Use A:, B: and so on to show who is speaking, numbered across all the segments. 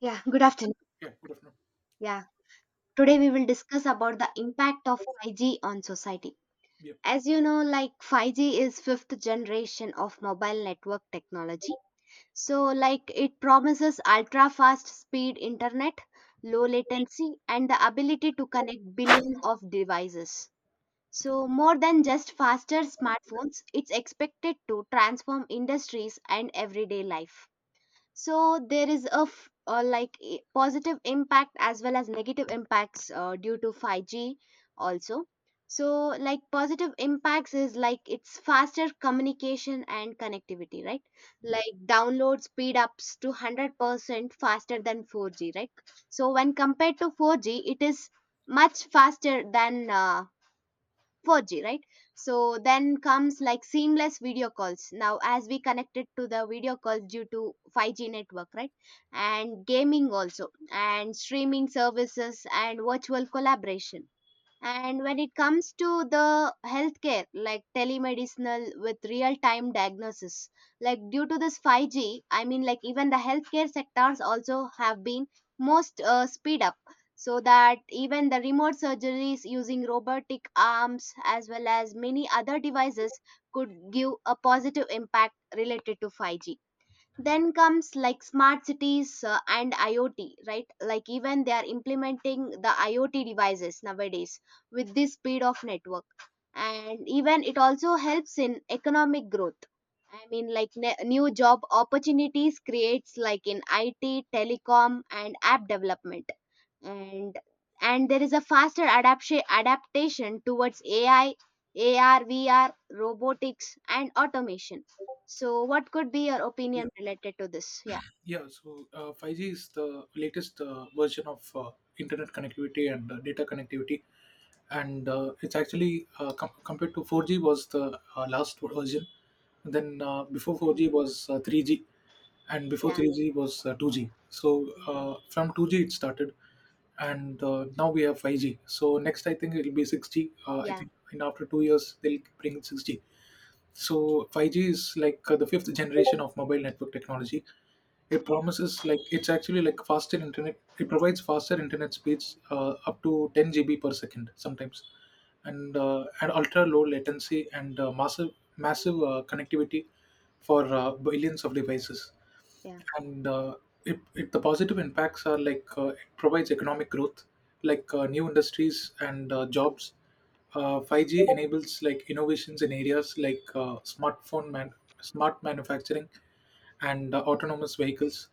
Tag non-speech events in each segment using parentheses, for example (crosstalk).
A: Yeah, good afternoon.
B: Yeah, good afternoon.
A: Yeah, today we will discuss about the impact of 5G on society.
B: Yeah,
A: As you know, like 5G is fifth generation of mobile network technology. So like it promises ultra fast speed internet, low latency and the ability to connect billion of devices. So more than just faster smartphones, it's expected to transform industries and everyday life. So there is a positive impact as well as negative impacts due to 5g also. So like positive impacts is like it's faster communication and connectivity, right?
B: yeah,
A: Like download speed ups to 100% faster than 4g, right? So when compared to 4g, it is much faster than 4G, right? So then comes like seamless video calls. Now, as we connected to the video calls due to 5G network, right? And gaming also, and streaming services, and virtual collaboration. And when it comes to the healthcare, like telemedicinal with real time diagnosis, like due to this 5G, I mean, like even the healthcare sectors also have been most speed up so that even the remote surgeries using robotic arms as well as many other devices could give a positive impact related to 5G. Then comes like smart cities and iot, right? Like even they are implementing the iot devices nowadays with this speed of network. And even it also helps in economic growth. I mean, like new job opportunities creates like in it, telecom and app development. and and there is a faster adaptation towards ai, ar, vr, robotics and automation. So what could be your
B: yeah.
A: opinion related to this? Yeah.
B: Yeah. So 5G is the latest version of internet connectivity and data connectivity, and it's actually compared to 4G was the last version. And then before
A: mm,
B: 4G was 3G, and before
A: yeah,
B: 3G was 2G. So from 2G it started, and now we have 5G. So next I think it'll be 6G. I
A: yeah,
B: think in after 2 years they'll bring 6G. So 5G is like the fifth generation of mobile network technology. It promises like it's actually like faster internet. It provides faster internet speeds up to 10 GB per second sometimes, and and ultra low latency and massive massive connectivity for billions of devices,
A: yeah,
B: and the positive impacts are like it provides economic growth, like new industries and jobs. 5g enables like innovations in areas like smart manufacturing and autonomous vehicles,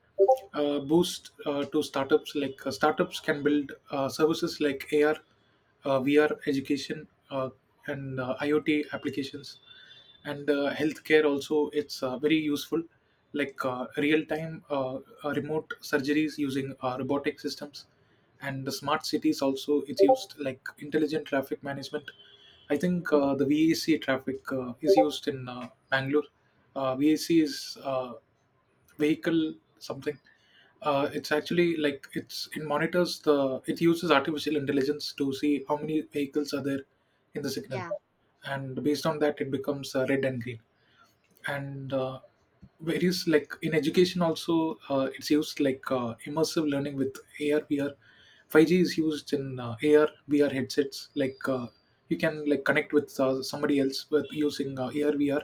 B: boost to startups, like startups can build services like ar, VR education, and IoT applications, and healthcare also. It's very useful, like real-time remote surgeries using robotic systems, and the smart cities also. It's used like intelligent traffic management. I think the VAC traffic is used in Bangalore. VAC is vehicle something. It's actually like it monitors the it uses artificial intelligence to see how many vehicles are there in the signal,
A: yeah,
B: and based on that it becomes red and green. And various like in education also it's used like immersive learning with AR VR. 5G is used in AR VR headsets. Like you can like connect with somebody else with using uh, AR VR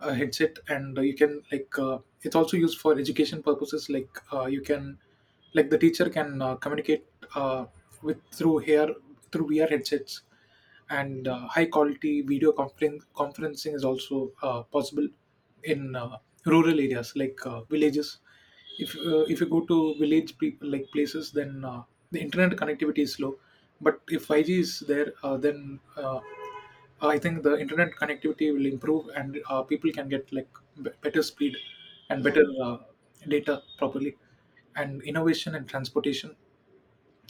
B: uh, headset, and you can like it's also used for education purposes, like you can like the teacher can communicate uh, with through here, through vr headsets,
A: yeah,
B: and high quality video conferencing is also possible in rural areas, like villages. If if you go to village people like places, then the internet connectivity is slow, but if 5g is there, then I think the internet connectivity will improve and people can get like better speed and
A: yeah,
B: better data properly. And innovation and transportation,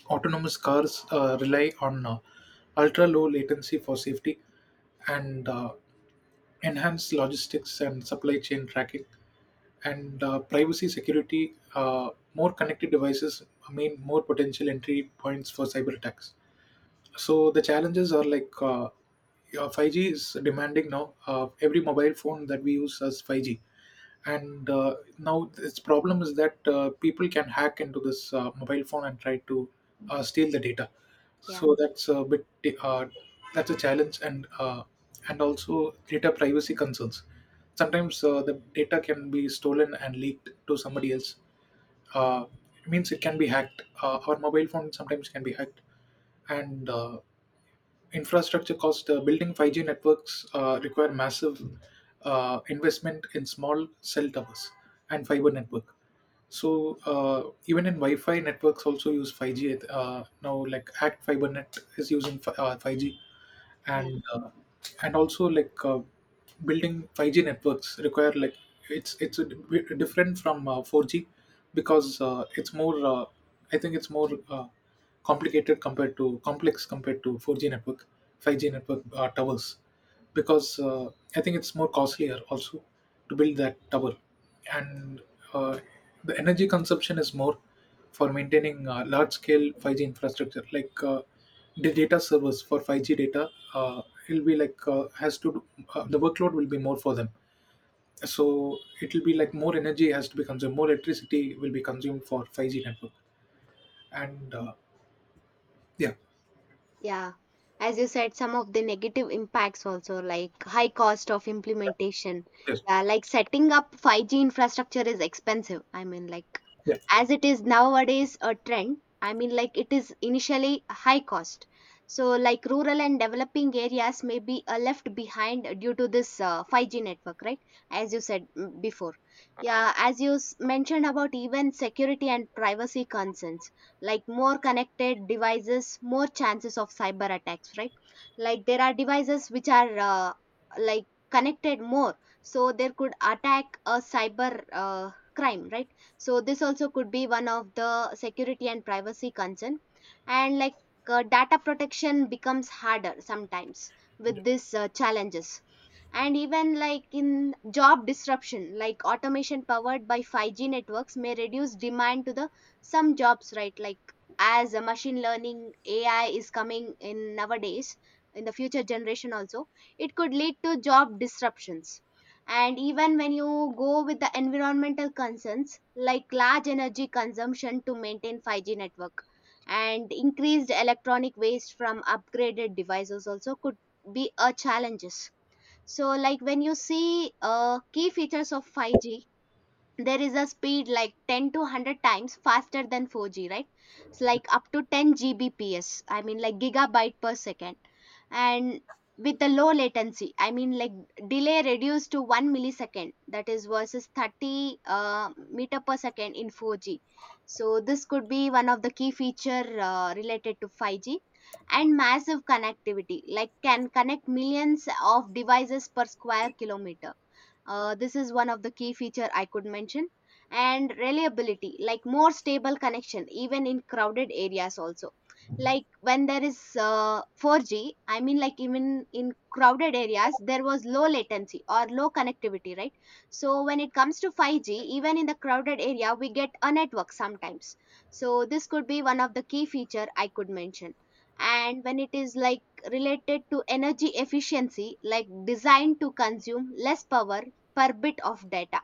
B: autonomous cars rely on ultra low latency for safety, and enhanced logistics and supply chain tracking. And privacy security, more connected devices mean more potential entry points for cyber attacks. So the challenges are like yeah, 5G is demanding now. Every mobile phone that we use has 5G, and now its problem is that people can hack into this mobile phone and try to steal the data.
A: yeah,
B: So that's a bit uh, that's a challenge. And and also data privacy concerns. Sometimes the data can be stolen and leaked to somebody else. Uh, it means it can be hacked. Our mobile phone sometimes can be hacked, and infrastructure cost, building 5g networks require massive investment in small cell towers and fiber network. So even in wi-fi networks also use 5g now, like act fiber net is using 5g.
A: yeah.
B: And also like building 5G networks require, like it's different from 4G because it's more I think it's more complicated compared to complex compared to 4G network, 5G network towers, because I think it's more costlier also to build that tower. And uh, the energy consumption is more for maintaining large scale 5G infrastructure, like the data servers for 5G data, uh, it'll be like has to do, the workload will be more for them. So it will be like more energy has to be consumed, more electricity will be consumed for 5g network. And yeah.
A: Yeah, as you said, some of the negative impacts also like high cost of implementation.
B: yes
A: Yeah, like setting up 5G infrastructure is expensive. I mean, like
B: yeah
A: as it is nowadays a trend, I mean, like it is initially high cost. So like rural and developing areas may be left behind due to this 5G network, right? As you said mm, before. Yeah, as you mentioned about even security and privacy concerns, like more connected devices, more chances of cyber attacks, right? Like there are devices which are like connected more, so there could attack a cyber crime, right? So this also could be one of the security and privacy concern. And like data protection becomes harder sometimes with these challenges. And even like in job disruption, like automation powered by 5g networks may reduce demand to the some jobs, right? Like as a machine learning, ai is coming in nowadays in the future generation also, it could lead to job disruptions. And even when you go with the environmental concerns, like large energy consumption to maintain 5g network and increased electronic waste from upgraded devices also could be a challenges. So like when you see key features of 5G, there is a speed like 10 to 100 times faster than 4G, right? It's like up to 10 Gbps, I mean, like gigabyte per second. And with the low latency, I mean, like delay reduced to 1 millisecond, that is versus 30 meter per second in 4g. So this could be one of the key feature related to 5g. And massive connectivity, like can connect millions of devices per square kilometer. This is one of the key feature I could mention. And reliability, like more stable connection, even in crowded areas also. Like when there is 4G, I mean like even in crowded areas, there was low latency or low connectivity, right? So when it comes to 5G, even in the crowded area, we get a network sometimes. So this could be one of the key feature I could mention. And when it is like related to energy efficiency, like designed to consume less power per bit of data.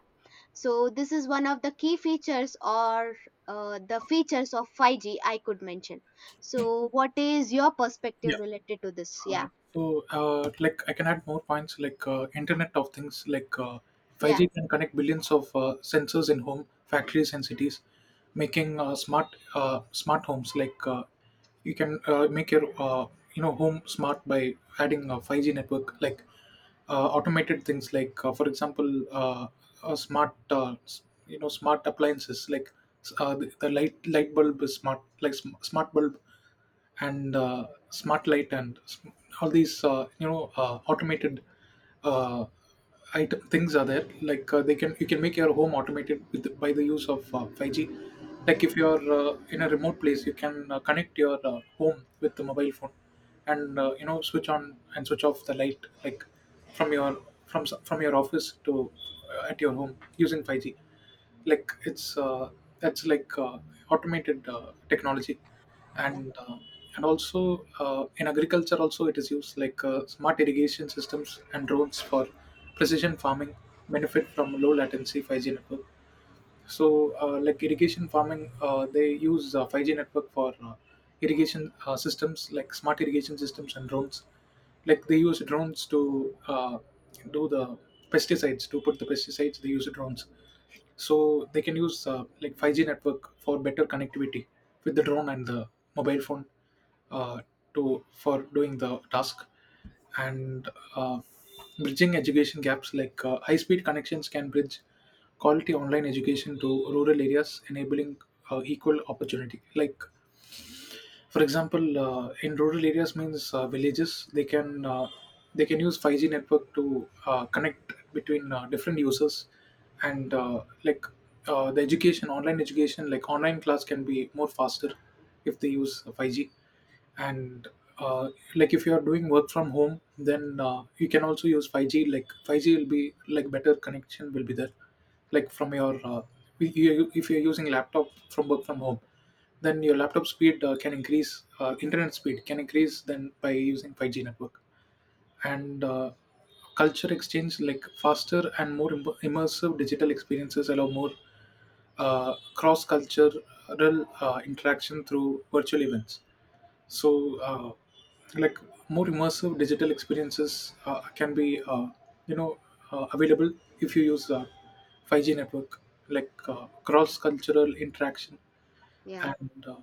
A: So this is one of the key features or the features of 5G I could mention. So what is your perspective
B: yeah
A: related to this?
B: Uh,
A: Yeah,
B: so, I can add more points like Internet of Things, like
A: yeah,
B: 5G can connect billions of sensors in home, factories, and cities, making smart homes. Like, you can make your home smart by adding a 5G network. Like, automated things, like, for example, smart s- you know smart appliances, like the light bulb is smart, like smart bulb and smart light and all these automated uh, item things are there, like they can you can make your home automated with by the use of 5g. Like
A: yeah,
B: if you're in a remote place, you can connect your home with the mobile phone and switch on and switch off the light, like from your from your office to at your home using 5g. Like it's that's like automated technology.
A: yeah,
B: And also in agriculture also it is used, like smart irrigation systems and drones for precision farming benefit from low latency 5G network. So like irrigation farming, they use 5G network for irrigation systems, like smart irrigation systems and drones. Like they use drones to do the pesticides, to put the pesticides they use drones. So they can use like 5G network for better connectivity with the drone and the mobile phone uh, to for doing the task. And uh, bridging education gaps, like high-speed connections can bridge quality online education to rural areas, enabling equal opportunity. Like for example, in rural areas means villages, they can use 5G network to connect between different users. And like the education, online education, like online class can be more faster if they use 5G. And uh, like if you are doing work from home, then you can also use 5g. Like 5g will be like better connection will be there, like from your if you're using laptop from work from home, then your laptop speed can increase, internet speed can increase then by using 5g network. And culture exchange, like faster and more immersive digital experiences allow more cross cultural interaction through virtual events. So like more immersive digital experiences can be you know available if you use 5g network, like cross cultural interaction.
A: yeah.
B: And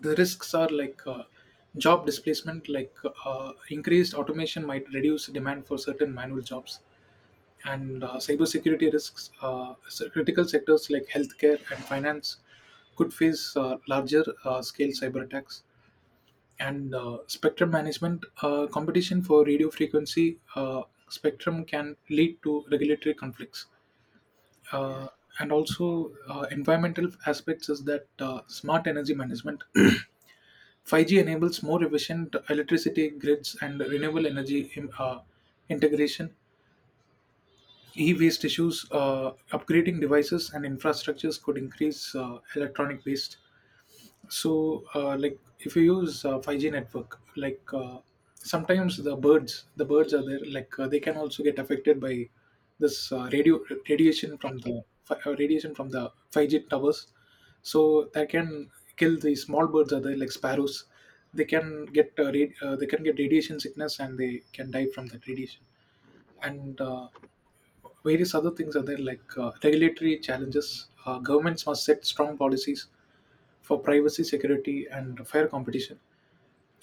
B: the risks are like job displacement, like increased automation might reduce demand for certain manual jobs. And cybersecurity risks, critical sectors like healthcare and finance could face larger scale cyber attacks. And spectrum management, competition for radio frequency spectrum can lead to regulatory conflicts. uh, and also environmental aspects is that smart energy management (clears throat) 5g enables more efficient electricity grids and renewable energy integration. E-waste issues, upgrading devices and infrastructures could increase electronic waste. So, like if you use 5G network, like sometimes the birds are there, like they can also get affected by this radio radiation from the
A: Activity.
B: radiation from the 5G towers. So that can kill the small birds are there, like sparrows. They can get they can get radiation sickness and they can die from that radiation.
A: Yeah,
B: And various other things are there, like regulatory challenges. Governments must set strong policies for privacy, security, and fair competition.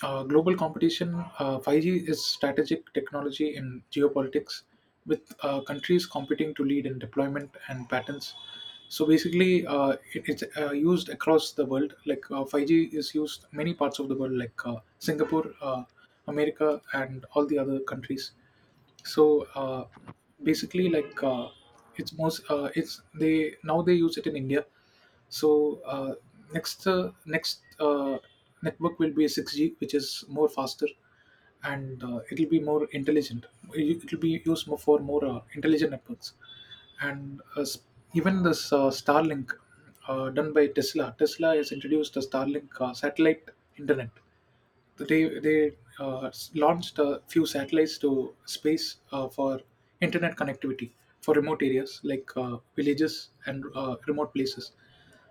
B: Global competition, 5G is strategic technology in geopolitics, with countries competing to lead in deployment and patents. So basically, it's used across the world. Like 5G is used many parts of the world, like Singapore, America, and all the other countries. So basically like it's they now they use it in India. So next next network will be a 6g, which is more faster, and it'll be more intelligent. It'll be used more for more intelligent networks. And even this starlink, done by Tesla. Tesla has introduced a starlink satellite internet. They they uh, launched a few satellites to space for internet connectivity for remote areas, like villages and remote places.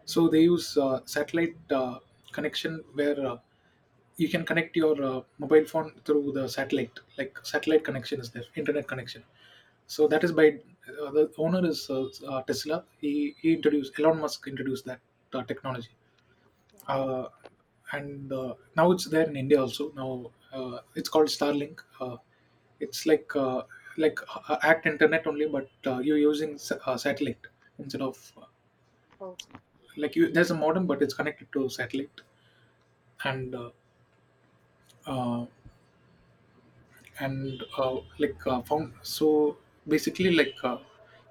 B: So they use satellite connection where you can connect your mobile phone through the satellite. Like satellite connection is there, internet connection. So that is by the owner is Tesla. He introduced Elon Musk introduced that technology.
A: yeah.
B: Uh, and now it's there in India also. Now it's called Starlink. It's like Act Internet only, but you're using satellite instead of
A: Oh,
B: like you. There's a modem, but it's connected to satellite, and uh, uh, and like found so basically like.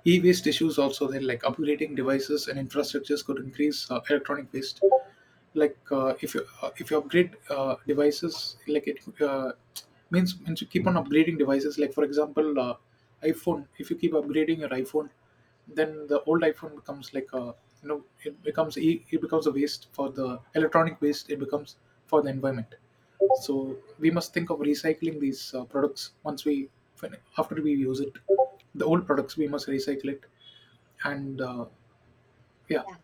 B: E-waste issues also there, like upgrading devices and infrastructures could increase electronic waste. If you if you upgrade devices like it means means you keep on upgrading devices, like for example iphone. If you keep upgrading your iphone, then the old iphone becomes like a, you know, it becomes it becomes a waste, for the electronic waste it becomes for the environment. So we must think of recycling these products once we after we use it. The old products we must recycle it and yeah
A: yeah.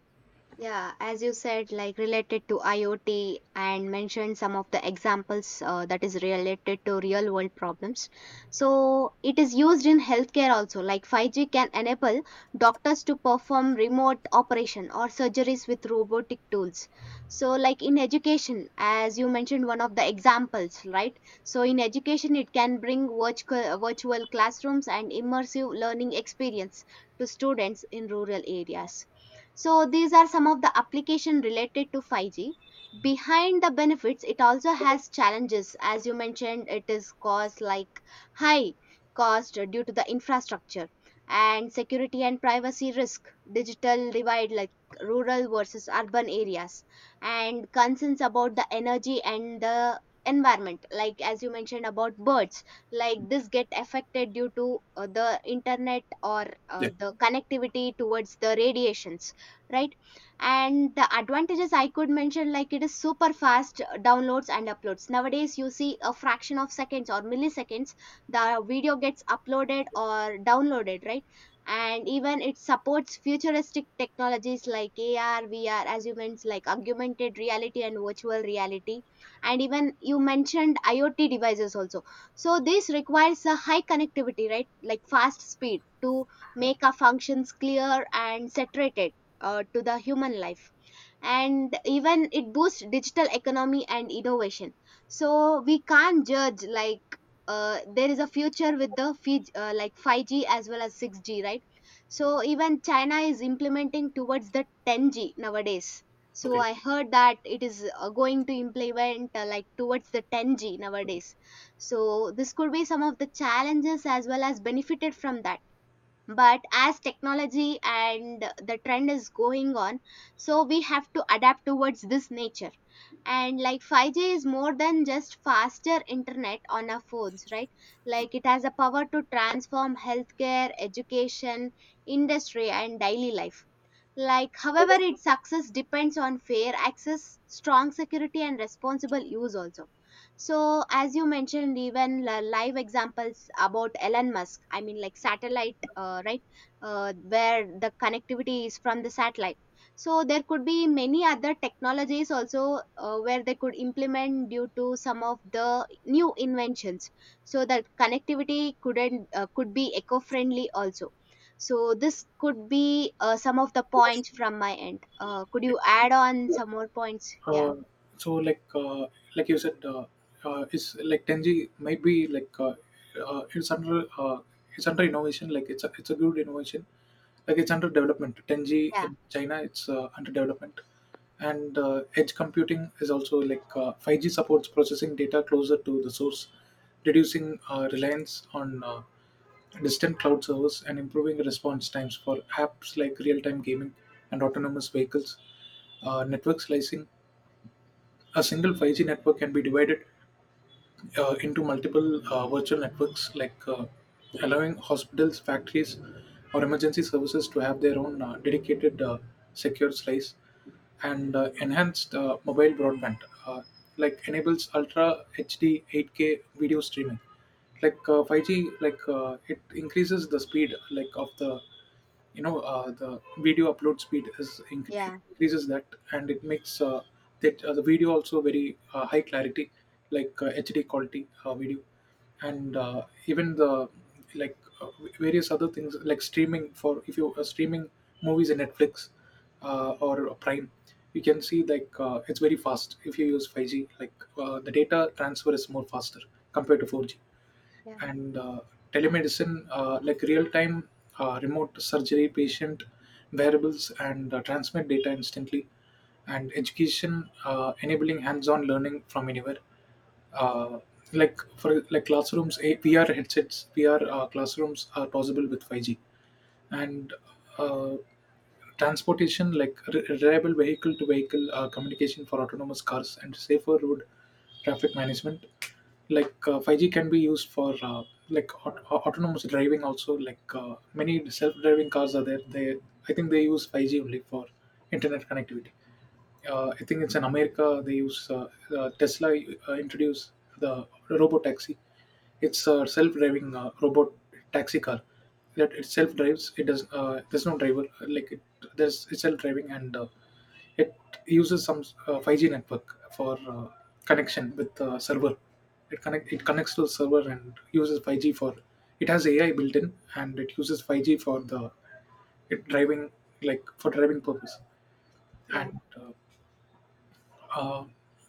A: Yeah, as you said, like related to IoT and mentioned some of the examples that is related to real world problems. So it is used in healthcare also. Like 5G can enable doctors to perform remote operation or surgeries with robotic tools. So like in education, as you mentioned, one of the examples, right? So in education, it can bring virtual classrooms and immersive learning experience to students in rural areas. So these are some of the application related to 5G. Behind the benefits, it also has challenges. As you mentioned, it is cost like high cost due to the infrastructure and security and privacy risk, digital divide, like rural versus urban areas, and concerns about the energy and the environment, like as you mentioned about birds, like this get affected due to the internet or
B: Yeah.
A: the connectivity towards the radiations, right? And the advantages I could mention, like it is super fast downloads and uploads nowadays. You see a fraction of seconds or milliseconds the video gets uploaded or downloaded, right? And even it supports futuristic technologies like ar, vr, as you mentioned, like augmented reality and virtual reality. And even you mentioned iot devices also, so this requires a high connectivity, right? Like fast speed to make our functions clear and saturated to the human life. And even it boosts digital economy and innovation. So we can't judge like there is a future with the 5g as well as 6g, right? So even china is implementing towards the 10g nowadays. So
B: Okay.
A: I heard that it is going to implement like towards the 10g nowadays. So this could be some of the challenges as well as benefited from that. But as technology and the trend is going on, so we have to adapt towards this nature. And like 5g is more than just faster internet on our phones, right? Like it has a power to transform healthcare, education, industry and daily life. Like, however, its success depends on fair access, strong security, and responsible use also. So as you mentioned, even live examples about Elon Musk, I mean, like satellite, right, where the connectivity is from the satellite. So there could be many other technologies also where they could implement due to some of the new inventions. So that connectivity couldn't could be eco-friendly also. So this could be some of the points from my end. Could you add on some more points? Yeah,
B: Uh, so like you said, it's like 10G might be uh, it's under uh, it's under innovation. Like it's a good innovation. Like it's under development. 10G
A: yeah,
B: in China, it's under development. And edge computing is also like 5G supports processing data closer to the source, reducing reliance on distant cloud servers and improving response times for apps like real-time gaming and autonomous vehicles. Uh, network slicing, a single 5G network can be divided into multiple virtual networks, allowing hospitals, factories, or emergency services to have their own dedicated secure slice. And enhanced mobile broadband, uh, like enables ultra HD 8K video streaming. 5G, it increases the speed, like of the, you know, the video upload speed is
A: yeah,
B: increases that, and it makes that the video also very high clarity, like HD quality video. And even the like various other things like streaming. For if you are streaming movies in netflix or prime, you can see like it's very fast if you use 5G, the data transfer is more faster compared to 4G.
A: yeah,
B: And telemedicine, like real-time remote surgery, patient variables, and transmit data instantly. And education, enabling hands-on learning from anywhere. Uh, like for like classrooms, VR headsets, VR classrooms are possible with 5G. And uh, transportation, like reliable vehicle to vehicle communication for autonomous cars and safer road traffic management. Like 5G can be used for autonomous driving also. Like many self-driving cars are there, they, I think they use 5G only for internet connectivity. I think it's in America, they use Tesla introduced the robot taxi. It's a self-driving robot taxi car that it self-drives. It does. There's no driver. Uh, Like it, there's it's self-driving, and it uses some 5G network for connection with the server. It connect it connects to the server and uses 5G for. It has AI built in and it uses 5G for the it driving, like for driving purpose.
A: yeah,
B: And uh,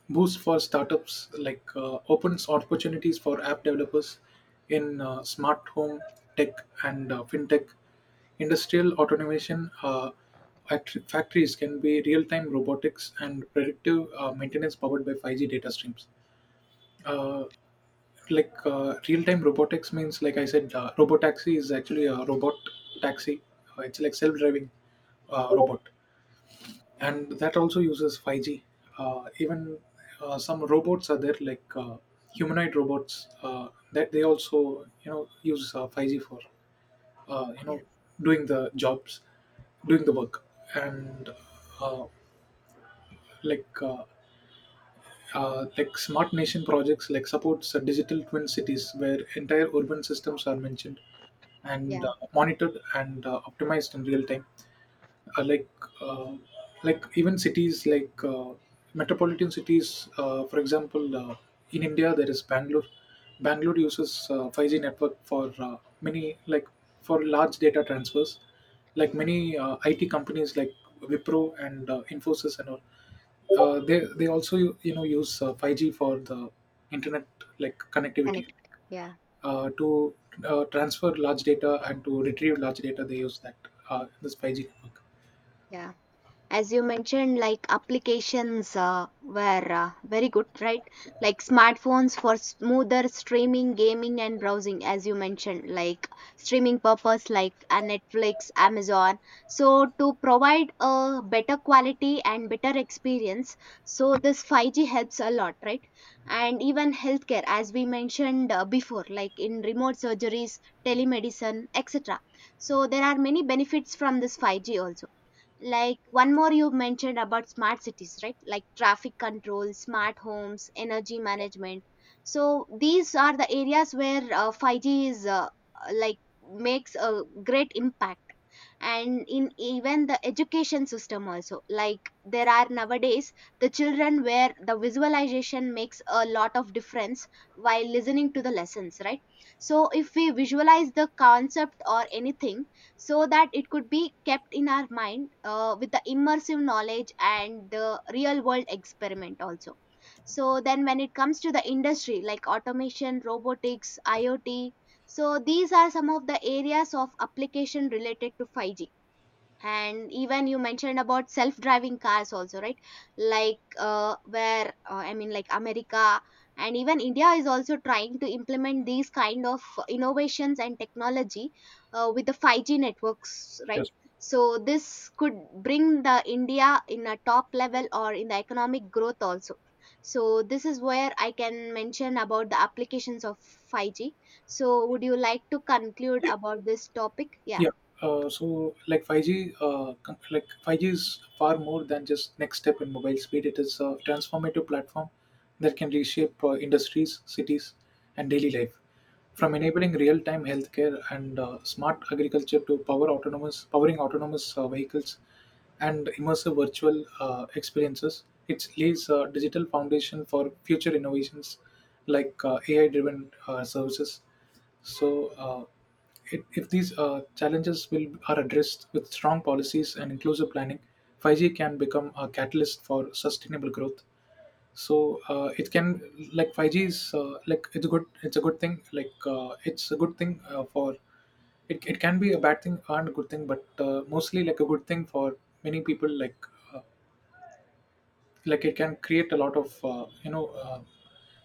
B: boost for startups, like opens opportunities for app developers in smart home tech and fintech. Industrial automation, factories can be real-time robotics and predictive maintenance powered by 5G data streams. uh, Real-time robotics means like I said, robotaxi is actually a robot taxi. It's like self-driving robot, and that also uses 5G. Even some robots are there, like humanoid robots, that they also, you know, use 5G for, uh, you
A: yeah,
B: know doing the jobs, doing the work. And uh, like. Like Smart nation projects, like, supports digital twin cities where entire urban systems are mentioned and
A: yeah.
B: monitored and optimized in real time. Uh, like uh, like even cities like metropolitan cities, for example in india, there is bangalore. Bangalore uses 5G network for many, like, for large data transfers. Like many it companies like wipro and infosys and all, they also, you know, use 5G for the internet, like, connectivity
A: Connected. Yeah,
B: to transfer large data and to retrieve large data, they use that this 5G network.
A: yeah. As you mentioned, like applications were very good, right? Like smartphones for smoother streaming, gaming and browsing. As you mentioned, like streaming purpose like netflix, amazon, so to provide a better quality and better experience. So this 5g helps a lot, right? And even healthcare, as we mentioned before, like in remote surgeries, telemedicine etc. So there are many benefits from this 5g also. Like one more you mentioned about smart cities, right? Like traffic control, smart homes, energy management. So these are the areas where 5G is like makes a great impact. And in even the education system also, like there are nowadays the children where the visualization makes a lot of difference while listening to the lessons, right? So if we visualize the concept or anything, so that it could be kept in our mind with the immersive knowledge and the real world experiment also. So then when it comes to the industry like automation, robotics, iot, so these are some of the areas of application related to 5g. And even you mentioned about self-driving cars also, right? Like where I mean, like america and even india is also trying to implement these kind of innovations and technology with the 5g networks, right?
B: Yes.
A: So this could bring the india in a top level or in the economic growth also. So this is where I can mention about the applications of 5g. So would you like to conclude about this topic? Yeah,
B: Yeah. So like 5G, like 5G is far more than just next step in mobile speed. It is a transformative platform that can reshape industries, cities, and daily life. From
A: yeah.
B: enabling real-time healthcare and smart agriculture to powering autonomous vehicles and immersive virtual experiences, it lays a digital foundation for future innovations like AI-driven services. So, if these challenges will are addressed with strong policies and inclusive planning, 5G can become a catalyst for sustainable growth. So it can, like 5G is, like it's good. It's a good thing. Like it's a good thing for it, it can be a bad thing and a good thing, but mostly like a good thing for many people. Like uh, like it can create a lot of, you know,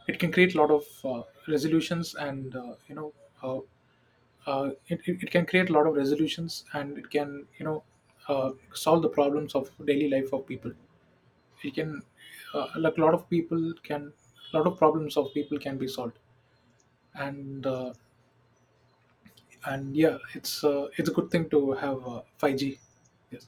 B: it can create a lot of resolutions, and, you know uh, it can create a lot of resolutions, and it can, you know, solve the problems of daily life of people. It can, like, a lot of people can a lot of problems of people can be solved. And yeah, it's a good thing to have 5G. Yes.